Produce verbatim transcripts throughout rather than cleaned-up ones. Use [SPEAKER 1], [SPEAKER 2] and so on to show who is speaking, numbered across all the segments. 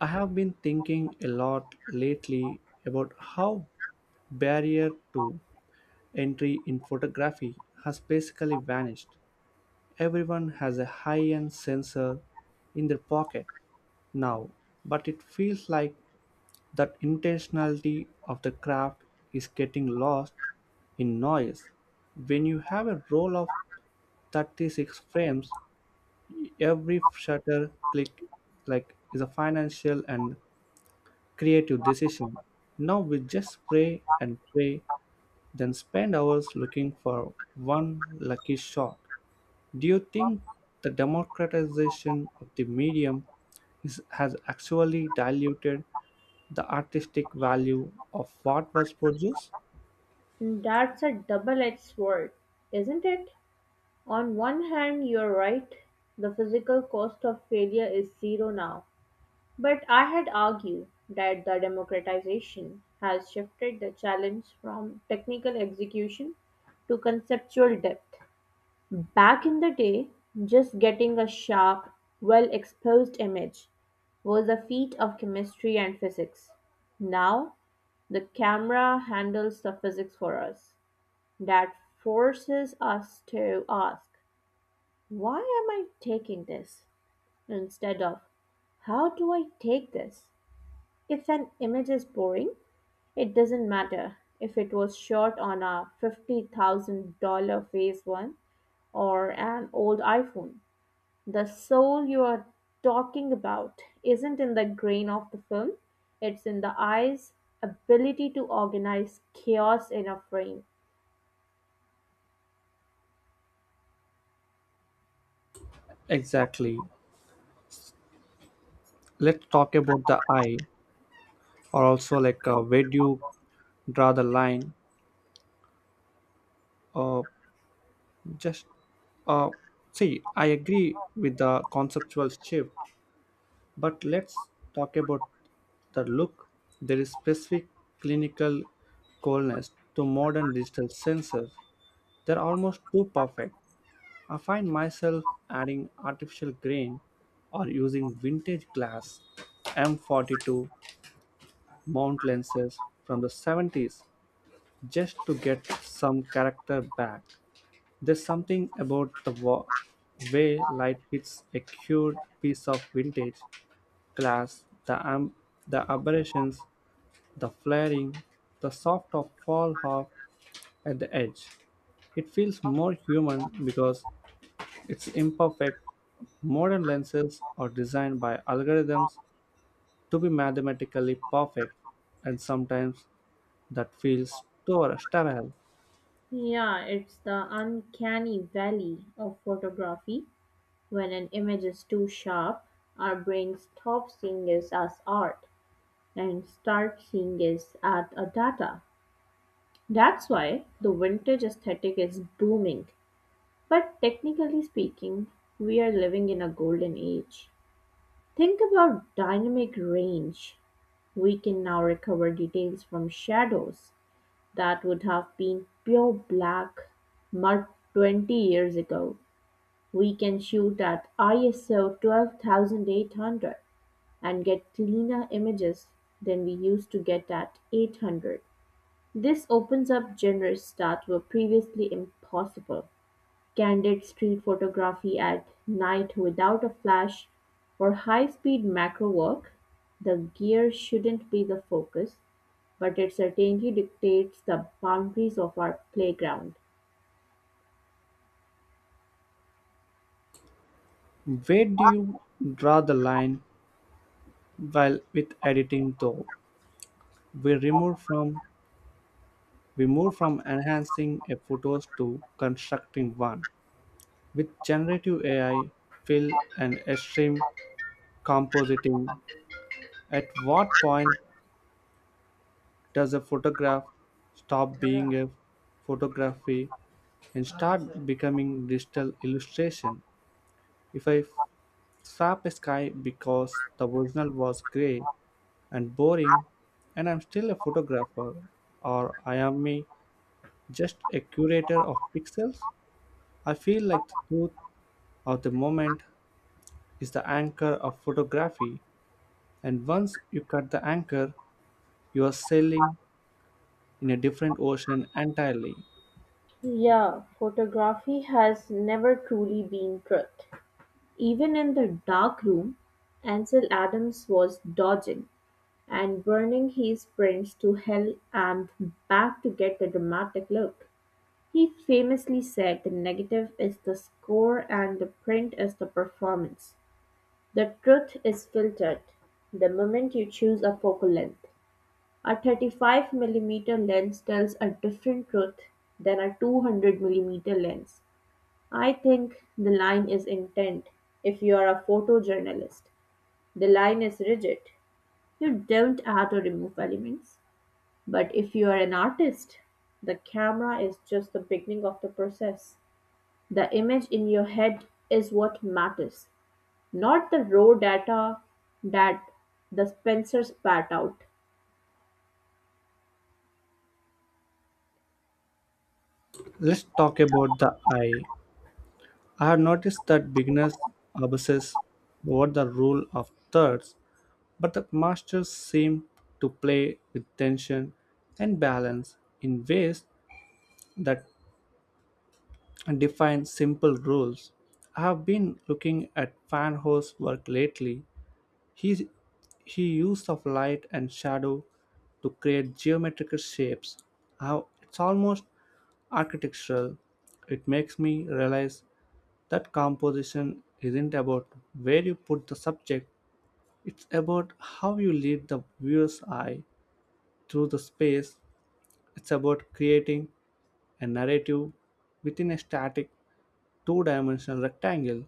[SPEAKER 1] I have been thinking a lot lately about how barrier to entry in photography has basically vanished. Everyone has a high-end sensor in their pocket now, but it feels like that intentionality of the craft is getting lost in noise. When you have a roll of thirty-six frames, every shutter click like is a financial and creative decision. Now we just pray and pray, then spend hours looking for one lucky shot. Do you think the democratization of the medium is, has actually diluted the artistic value of what was produced?
[SPEAKER 2] That's a double-edged sword, isn't it? On one hand, you're right, the physical cost of failure is zero now. But I had argued that the democratization has shifted the challenge from technical execution to conceptual depth. Back in the day, just getting a sharp, well exposed image was a feat of chemistry and physics. Now, the camera handles the physics for us. That forces us to ask, why am I taking this? Instead of, how do I take this? If an image is boring, it doesn't matter if it was shot on a fifty thousand dollars phase one or an old iPhone. The soul you are talking about isn't in the grain of the film, it's in the eye's ability to organize chaos in a frame.
[SPEAKER 1] Exactly. Let's talk about the eye, or also like uh, where do you draw the line? Uh, just uh, see, I agree with the conceptual shift. But let's talk about the look. There is specific clinical coolness to modern digital sensors. They're almost too perfect. I find myself adding artificial grain or using vintage glass M forty-two mount lenses from the seventies just to get some character back. There's something about the wa- way light hits a cured piece of vintage glass, the, am- the aberrations, the flaring, the soft of fall off at the edge. It feels more human because it's imperfect. Modern lenses are designed by algorithms to be mathematically perfect, and sometimes that feels stor- sterile.
[SPEAKER 2] Yeah, it's the uncanny valley of photography. When an image is too sharp, our brain stops seeing it as art and starts seeing it as a data. That's why the vintage aesthetic is booming. But technically speaking, we are living in a golden age. Think about dynamic range. We can now recover details from shadows That would have been pure black mud twenty years ago. We can shoot at ISO twelve thousand eight hundred and get cleaner images than we used to get at eight hundred. This opens up genres that were previously impossible. Candid street photography at night without a flash or high speed macro work. The gear shouldn't be the focus, but it certainly dictates the boundaries of our playground.
[SPEAKER 1] Where do you draw the line while with editing though? We remove from we move from enhancing a photos to constructing one. With generative A I, fill, and extreme compositing, at what point does a photograph stop being a photography and start becoming digital illustration? If I slap a sky because the original was gray and boring, and I'm still a photographer, or I am me just a curator of pixels? I feel like the truth of the moment is the anchor of photography. And once you cut the anchor, you are sailing in a different ocean entirely.
[SPEAKER 2] Yeah, photography has never truly been truth. Even in the dark room, Ansel Adams was dodging and burning his prints to hell and back to get the dramatic look. He famously said the negative is the score and the print is the performance. The truth is filtered the moment you choose a focal length. A thirty-five millimeter lens tells a different truth than a two hundred millimeter lens. I think the line is intent. If you are a photojournalist, the line is rigid. You don't add or remove elements. But if you are an artist, the camera is just the beginning of the process. The image in your head is what matters, not the raw data that the Spencer spat out.
[SPEAKER 1] Let's talk about the eye. I have noticed that beginners obsess over the rule of thirds, but the masters seem to play with tension and balance in ways that define simple rules. I have been looking at Fan Ho's work lately. He, he used of light and shadow to create geometrical shapes. How it's almost architectural. It makes me realize that composition isn't about where you put the subject, it's about how you lead the viewer's eye through the space. It's about creating a narrative within a static two dimensional rectangle.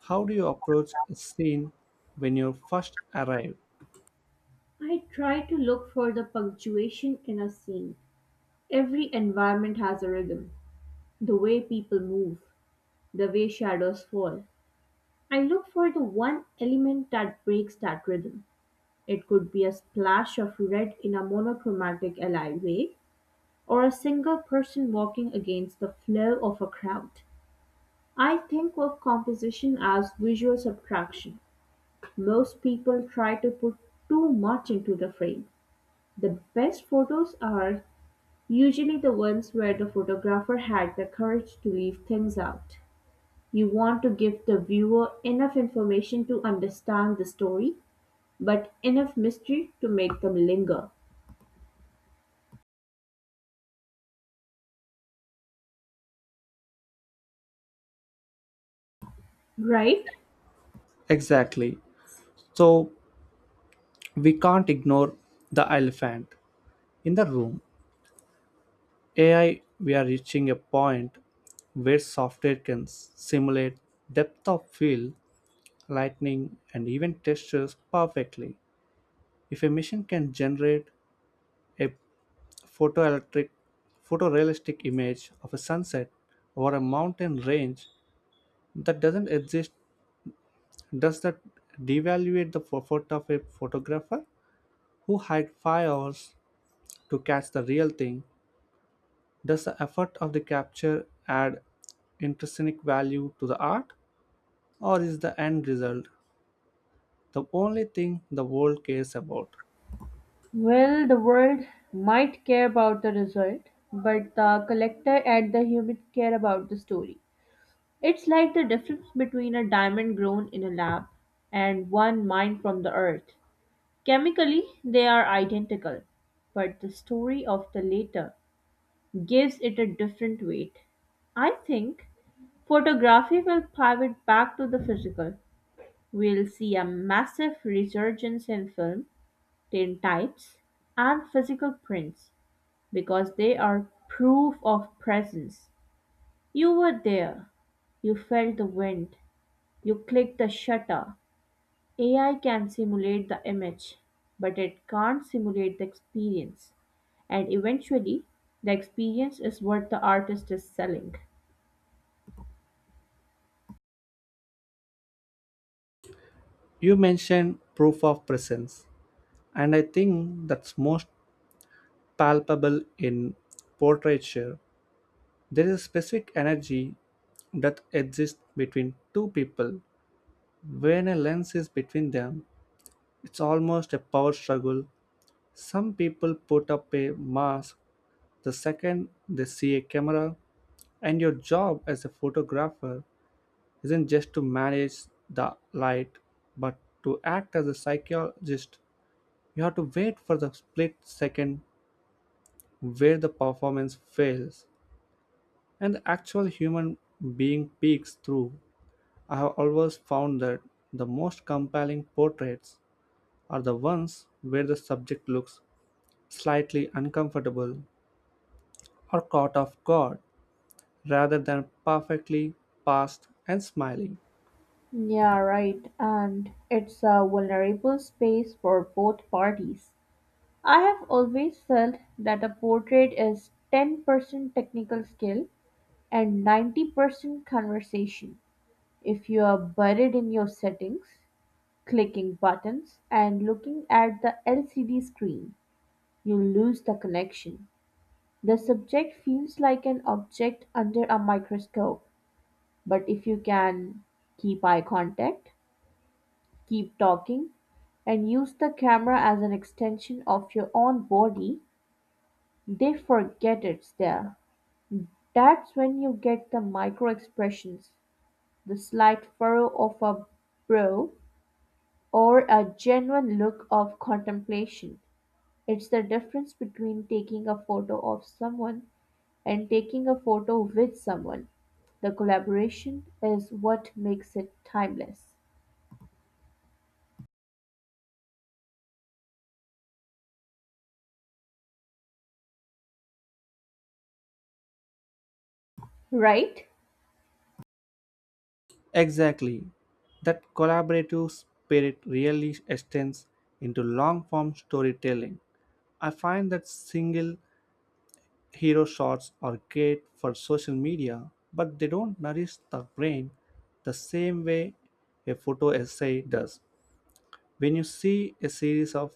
[SPEAKER 1] How do you approach a scene when you first arrive?
[SPEAKER 2] I try to look for the punctuation in a scene. Every environment has a rhythm. The way people move, the way shadows fall. I look for the one element that breaks that rhythm. It could be a splash of red in a monochromatic alleyway or a single person walking against the flow of a crowd. I think of composition as visual subtraction. Most people try to put too much into the frame. The best photos are Usually the ones where the photographer had the courage to leave things out. You want to give the viewer enough information to understand the story, but enough mystery to make them linger, right?
[SPEAKER 1] Exactly. So we can't ignore the elephant in the room. A I, we are reaching a point where software can simulate depth of field, lightning, and even textures perfectly. If a machine can generate a photoelectric, photorealistic image of a sunset or a mountain range that doesn't exist, does that devaluate the effort of a photographer who hired five hours to catch the real thing. Does the effort of the capture add intrinsic value to the art, or is the end result the only thing the world cares about?
[SPEAKER 2] Well, the world might care about the result, but the collector and the human care about the story. It's like the difference between a diamond grown in a lab and one mined from the earth. Chemically, they are identical, but the story of the later gives it a different weight. I think photography will pivot back to the physical. We'll see a massive resurgence in film, tintypes, and physical prints because they are proof of presence. You were there. You felt the wind. You clicked the shutter. A I can simulate the image, but it can't simulate the experience. And eventually, the experience is what the artist is selling.
[SPEAKER 1] You mentioned proof of presence, and I think that's most palpable in portraiture. There is a specific energy that exists between two people. When a lens is between them, it's almost a power struggle. Some people put up a mask the second they see a camera. And your job as a photographer isn't just to manage the light, but to act as a psychologist. You have to wait for the split second where the performance fails and the actual human being peeks through. I have always found that the most compelling portraits are the ones where the subject looks slightly uncomfortable or caught off guard rather than perfectly passed and smiling.
[SPEAKER 2] Yeah, right. And it's a vulnerable space for both parties. I have always felt that a portrait is ten percent technical skill and ninety percent conversation. If you are buried in your settings, clicking buttons, and looking at the L C D screen, you lose the connection. The subject feels like an object under a microscope, but if you can keep eye contact, keep talking, and use the camera as an extension of your own body, they forget it's there. That's when you get the micro expressions, the slight furrow of a brow, or a genuine look of contemplation. It's the difference between taking a photo of someone and taking a photo with someone. The collaboration is what makes it timeless, right?
[SPEAKER 1] Exactly. That collaborative spirit really extends into long form storytelling. I find that single hero shots are great for social media, but they don't nourish the brain the same way a photo essay does. When you see a series of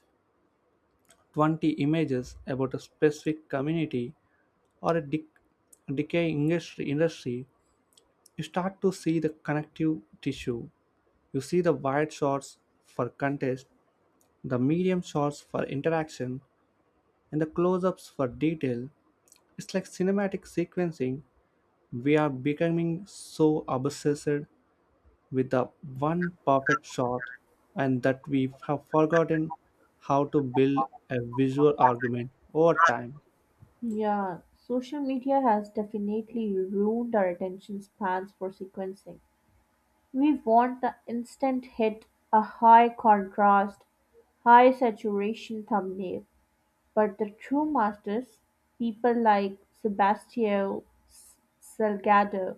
[SPEAKER 1] twenty images about a specific community or a dec- decaying industry, industry, you start to see the connective tissue. You see the wide shots for contest, the medium shots for interaction, and the close ups for detail. It's like cinematic sequencing. We are becoming so obsessed with the one perfect shot and that we have forgotten how to build a visual argument over time.
[SPEAKER 2] Yeah, social media has definitely ruined our attention spans for sequencing. We want the instant hit, a high contrast, high saturation thumbnail. But the true masters, people like Sebastião S- Salgado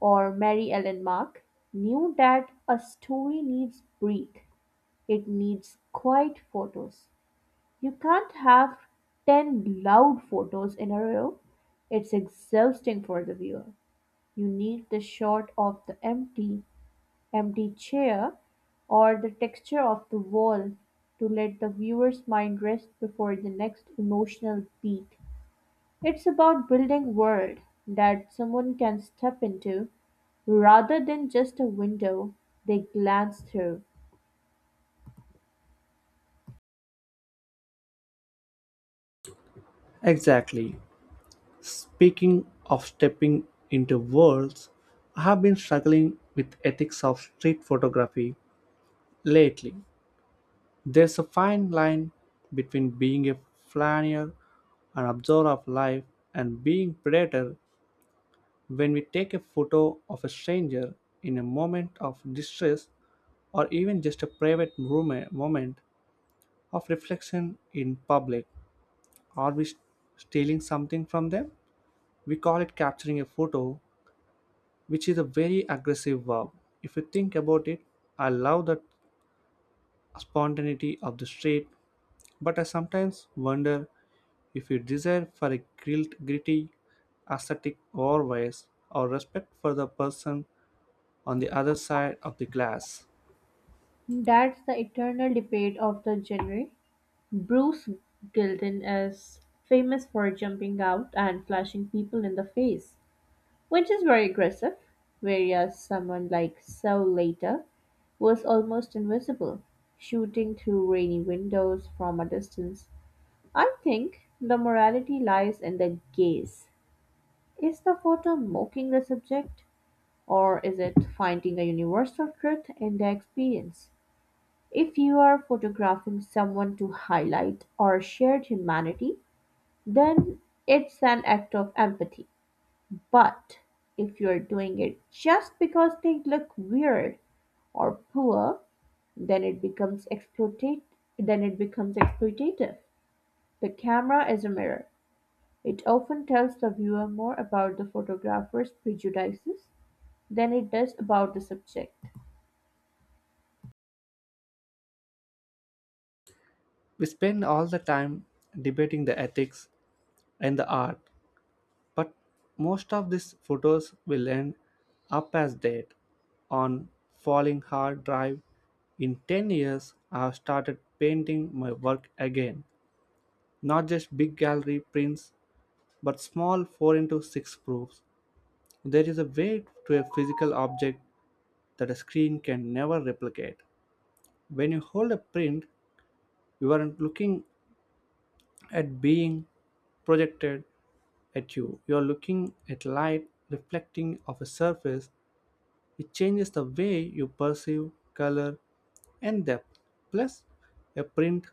[SPEAKER 2] or Mary Ellen Mark, knew that a story needs break. It needs quiet photos. You can't have ten loud photos in a row. It's exhausting for the viewer. You need the shot of the empty, empty chair or the texture of the wall to let the viewer's mind rest before the next emotional beat. It's about building world that someone can step into rather than just a window they glance through.
[SPEAKER 1] Exactly. Speaking of stepping into worlds, I have been struggling with ethics of street photography lately. There's a fine line between being a flaneur, an observer of life, and being predator when we take a photo of a stranger in a moment of distress or even just a private moment moment of reflection in public. Are we s- stealing something from them? We call it capturing a photo, which is a very aggressive verb. If you think about it, I love the spontaneity of the street, but I sometimes wonder if you desire for a grilled, gritty, aesthetic always, or respect for the person on the other side of the glass.
[SPEAKER 2] That's the eternal debate of the genre. Bruce Gilden is famous for jumping out and flashing people in the face, which is very aggressive, whereas someone like Saul later was almost invisible, shooting through rainy windows from a distance. I think the morality lies in the gaze. Is the photo mocking the subject, or is it finding a universal truth in the experience? If you are photographing someone to highlight or share humanity, then it's an act of empathy. But if you're doing it just because they look weird or poor, then it becomes exploitate then it becomes exploitative. The camera is a mirror. It often tells the viewer more about the photographer's prejudices than it does about the subject.
[SPEAKER 1] We spend all the time debating the ethics and the art, but most of these photos will end up as dead on falling hard drive. In ten years, I have started painting my work again, not just big gallery prints, but small four into six proofs. There is a weight to a physical object that a screen can never replicate. When you hold a print, you aren't looking at being projected at you. You are looking at light reflecting off a surface. It changes the way you perceive color and depth. Plus, a print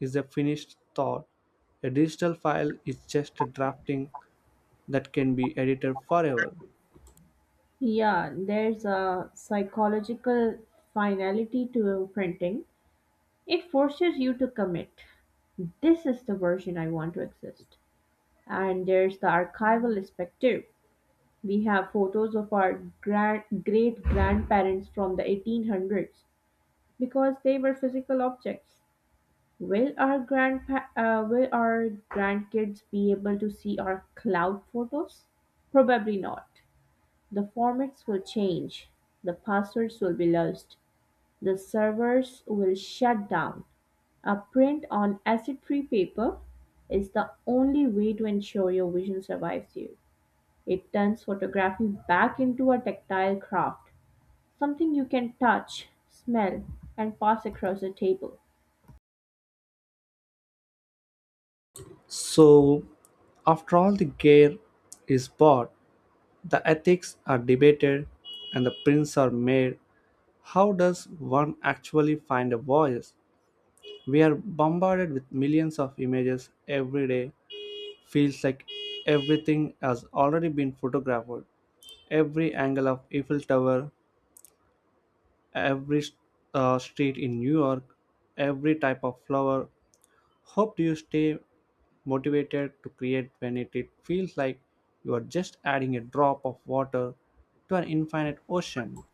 [SPEAKER 1] is a finished thought. A digital file is just a drafting that can be edited forever.
[SPEAKER 2] Yeah, there's a psychological finality to printing. It forces you to commit. This is the version I want to exist. And there's the archival aspect too. We have photos of our grand, great grandparents from the eighteen hundreds because they were physical objects. Will our grandpa- uh, will our grandkids be able to see our cloud photos? Probably not. The formats will change. The passwords will be lost. The servers will shut down. A print on acid-free paper is the only way to ensure your vision survives you. It turns photography back into a tactile craft, something you can touch, smell, and pass across a table.
[SPEAKER 1] So, after all the gear is bought, the ethics are debated and the prints are made. How does one actually find a voice? We are bombarded with millions of images every day. Feels like everything has already been photographed. Every angle of Eiffel Tower, every uh, street in New York, every type of flower. Hope do you stay motivated to create when it, it feels like you are just adding a drop of water to an infinite ocean.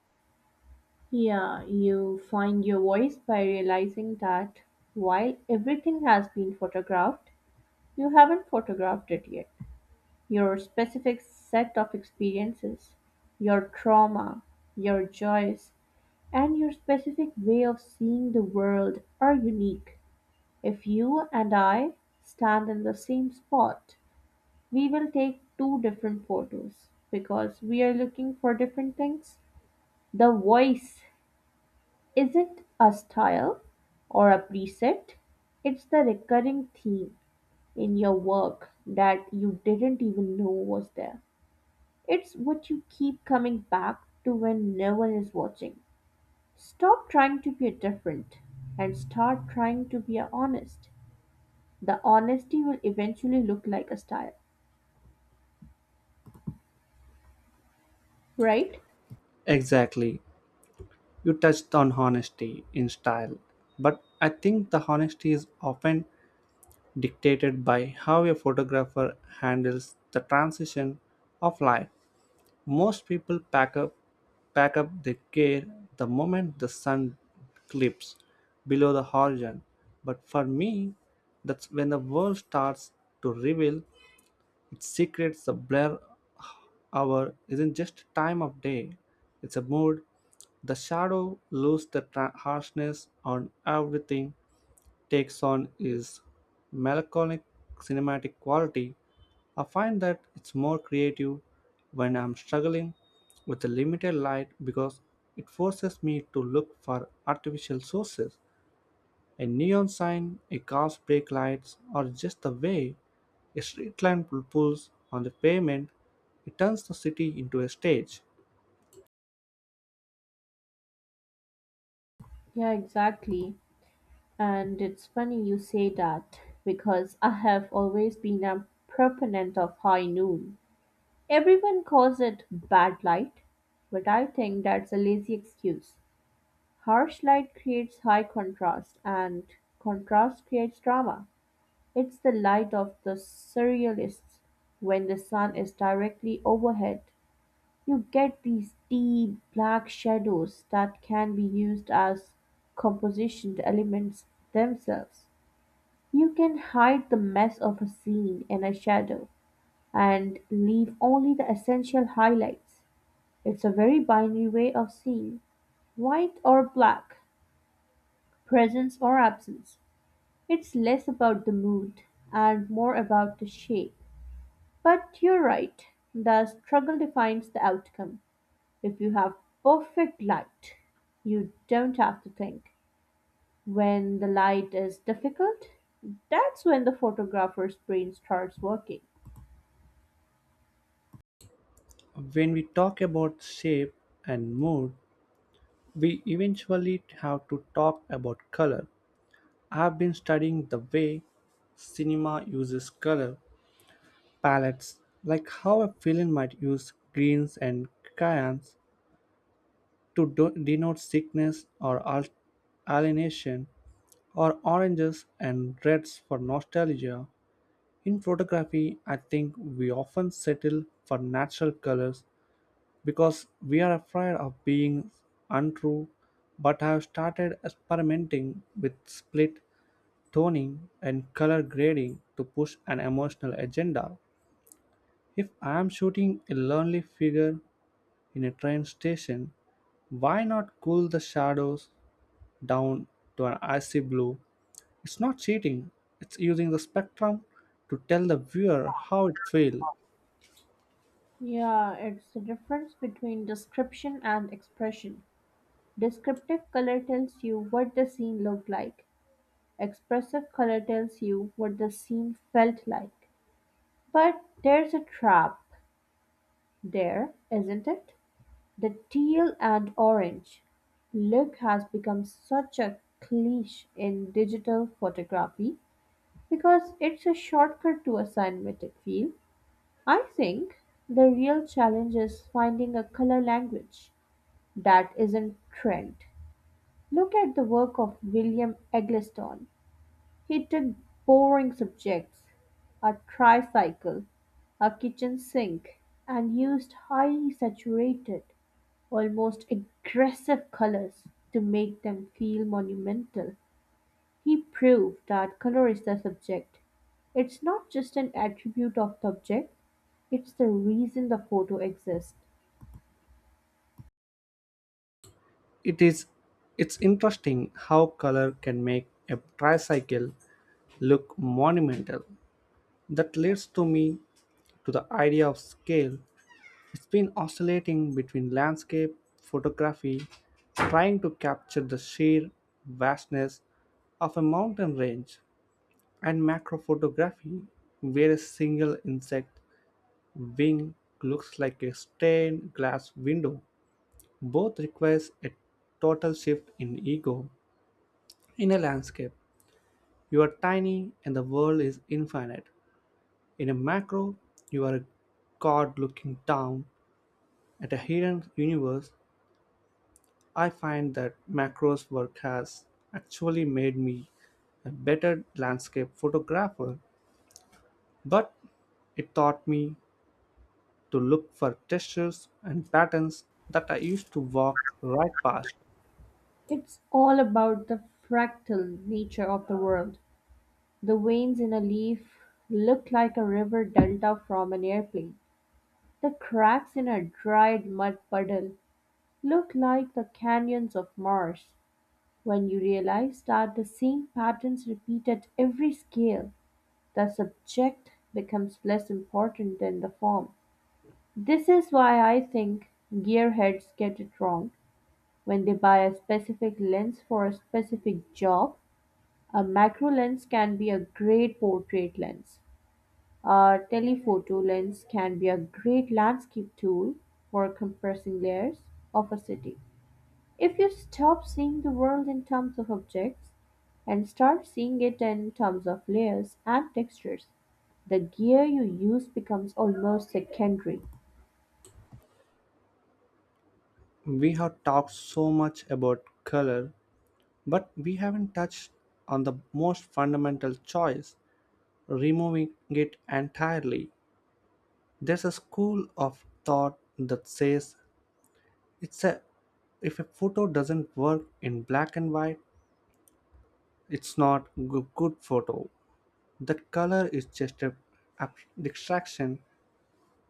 [SPEAKER 2] Yeah, you find your voice by realizing that while everything has been photographed, you haven't photographed it yet. Your specific set of experiences, your trauma, your joys, and your specific way of seeing the world are unique. If you and I stand in the same spot, We will take two different photos because we are looking for different things. The voice isn't a style or a preset, it's the recurring theme in your work that you didn't even know was there. It's what you keep coming back to when no one is watching. Stop trying to be different and start trying to be honest. The honesty will eventually look like a style, right?
[SPEAKER 1] Exactly. You touched on honesty in style, but I think the honesty is often dictated by how a photographer handles the transition of life. Most people pack up pack up their gear the moment the sun clips below the horizon, but for me, that's when the world starts to reveal its secrets. The blur Hour isn't just time of day, it's a mood. The shadow loses the tra- harshness on everything, takes on its melancholic cinematic quality. I find that it's more creative when I'm struggling with the limited light because it forces me to look for artificial sources. A neon sign, a car's brake lights, or just the way a street lamp pulls on the pavement, it turns the city into a stage.
[SPEAKER 2] Yeah, exactly. And it's funny you say that, because I have always been a proponent of high noon. Everyone calls it bad light, but I think that's a lazy excuse. Harsh light creates high contrast, and contrast creates drama. It's the light of the surrealists. When the sun is directly overhead, you get these deep black shadows that can be used as composition elements themselves. You can hide the mess of a scene in a shadow and leave only the essential highlights. It's a very binary way of seeing white or black, presence or absence. It's less about the mood and more about the shape. But you're right, the struggle defines the outcome. If you have perfect light, you don't have to think. When the light is difficult, that's when the photographer's brain starts working.
[SPEAKER 1] When we talk about shape and mood, we eventually have to talk about color. I've been studying the way cinema uses color palettes, like how a villain might use greens and cyans to do- denote sickness or al- alienation, or oranges and reds for nostalgia. In photography, I think we often settle for natural colors because we are afraid of being untrue, but I have started experimenting with split toning and color grading to push an emotional agenda. If I am shooting a lonely figure in a train station, why not cool the shadows down to an icy blue. It's not cheating, it's using the spectrum to tell the viewer how it feels.
[SPEAKER 2] Yeah, it's the difference between description and expression. Descriptive color tells you what the scene looked like, expressive color tells you what the scene felt like. But there's a trap there, isn't it? The teal and orange look has become such a cliche in digital photography because it's a shortcut to a cinematic feel. I think the real challenge is finding a color language That isn't trend. Look at the work of William Eggleston. He took boring subjects, a tricycle, a kitchen sink, and used highly saturated, almost aggressive colors to make them feel monumental. He proved that color is the subject. It's not just an attribute of the object, it's the reason the photo exists.
[SPEAKER 1] It is it's interesting how color can make a tricycle look monumental. That leads to me to the idea of scale. It's been oscillating between landscape photography, trying to capture the sheer vastness of a mountain range, and macro photography, where a single insect wing looks like a stained glass window. Both requires a total shift in ego. In a landscape, you are tiny and the world is infinite. In a macro, you are a god looking down at a hidden universe. I find that macro's work has actually made me a better landscape photographer, but it taught me to look for textures and patterns that I used to walk right past.
[SPEAKER 2] It's all about the fractal nature of the world. The veins in a leaf look like a river delta from an airplane. The cracks in a dried mud puddle look like the canyons of Mars. When you realize that the same patterns repeat at every scale, the subject becomes less important than the form. This is why I think gearheads get it wrong. When they buy a specific lens for a specific job, a macro lens can be a great portrait lens. A telephoto lens can be a great landscape tool for compressing layers of a city. If you stop seeing the world in terms of objects and start seeing it in terms of layers and textures, the gear you use becomes almost secondary.
[SPEAKER 1] We have talked so much about color, but we haven't touched on the most fundamental choice, removing it entirely. There's a school of thought that says it's a if a photo doesn't work in black and white, it's not a good photo. That color is just a ab- distraction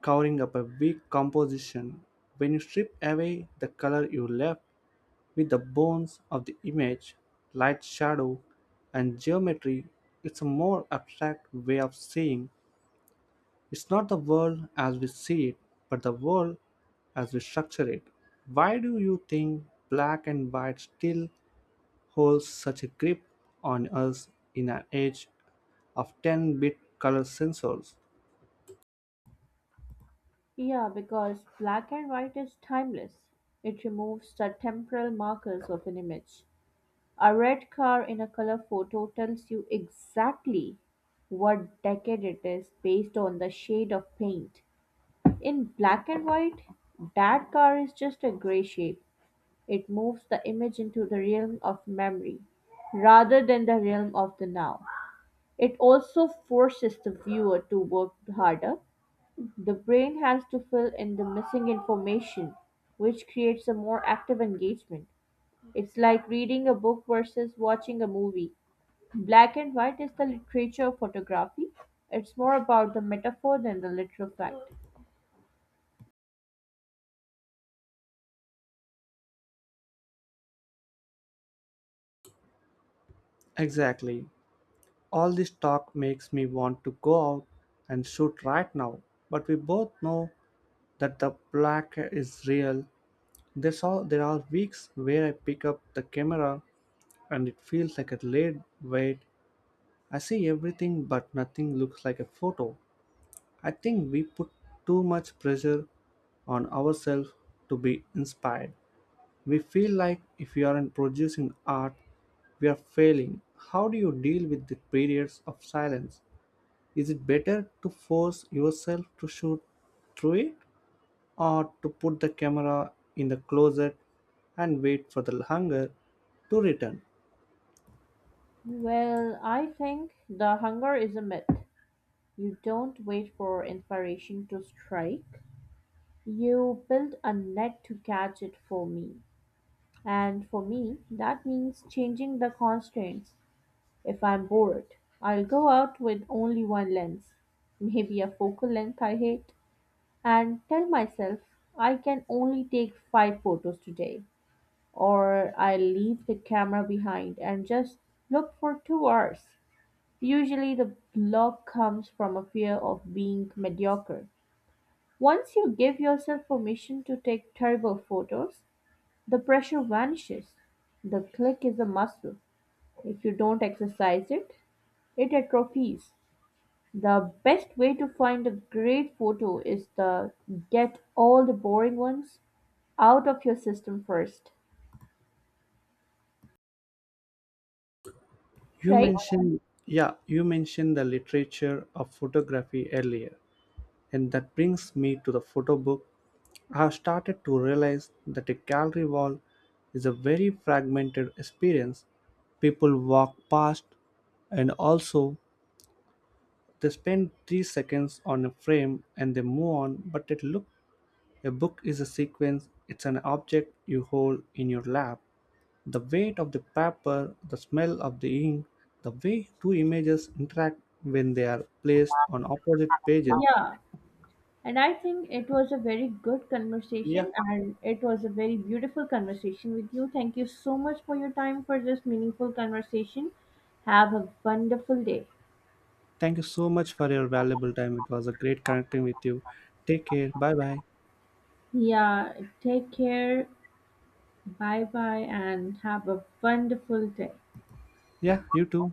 [SPEAKER 1] covering up a weak composition. When you strip away the color you left, with the bones of the image, light, shadow, and geometry, it's a more abstract way of seeing. It's not the world as we see it, but the world as we structure it. Why do you think black and white still holds such a grip on us in an age of ten bit color sensors?
[SPEAKER 2] Yeah, because black and white is timeless. It removes the temporal markers of an image. A red car in a color photo tells you exactly what decade it is based on the shade of paint. In black and white, that car is just a gray shape. It moves the image into the realm of memory rather than the realm of the now. It also forces the viewer to work harder. The brain has to fill in the missing information, which creates a more active engagement. It's like reading a book versus watching a movie. Black and white is the literature of photography. It's more about the metaphor than the literal fact.
[SPEAKER 1] Exactly. All this talk makes me want to go out and shoot right now, but we both know that the black is real. There's all, there are weeks where I pick up the camera and it feels like a lead weight. I see everything, but nothing looks like a photo. I think we put too much pressure on ourselves to be inspired. We feel like if we aren't producing art, we are failing. How do you deal with the periods of silence? Is it better to force yourself to shoot through it, or to put the camera in the closet and wait for the hunger to return?
[SPEAKER 2] Well, I think the hunger is a myth. You don't wait for inspiration to strike. You build a net to catch it for me. And for me, that means changing the constraints. If I'm bored, I'll go out with only one lens, maybe a focal length I hate, and tell myself I can only take five photos today. or I leave the camera behind and just look for two hours. Usually, the block comes from a fear of being mediocre. Once you give yourself permission to take terrible photos, the pressure vanishes. The click is a muscle. If you don't exercise it, it atrophies. The best way to find a great photo is to get all the boring ones out of your system first,
[SPEAKER 1] You
[SPEAKER 2] right?
[SPEAKER 1] mentioned, yeah, you mentioned the literature of photography earlier, and that brings me to the photo book. I have started to realize that a gallery wall is a very fragmented experience. People walk past, and also they spend three seconds on a frame and they move on. But it looks A book is a sequence. It's an object you hold in your lap. The weight of the paper, the smell of the ink, the way two images interact when they are placed on opposite pages.
[SPEAKER 2] Yeah. And I think it was a very good
[SPEAKER 1] Yeah.
[SPEAKER 2] conversation and it was a very beautiful conversation with you. Thank you so much for your time for this meaningful conversation. Have a wonderful day.
[SPEAKER 1] Thank you so much for your valuable time. It was a great connecting with you. Take care. Bye bye.
[SPEAKER 2] Yeah, take care. Bye bye and have a wonderful day.
[SPEAKER 1] Yeah, you too.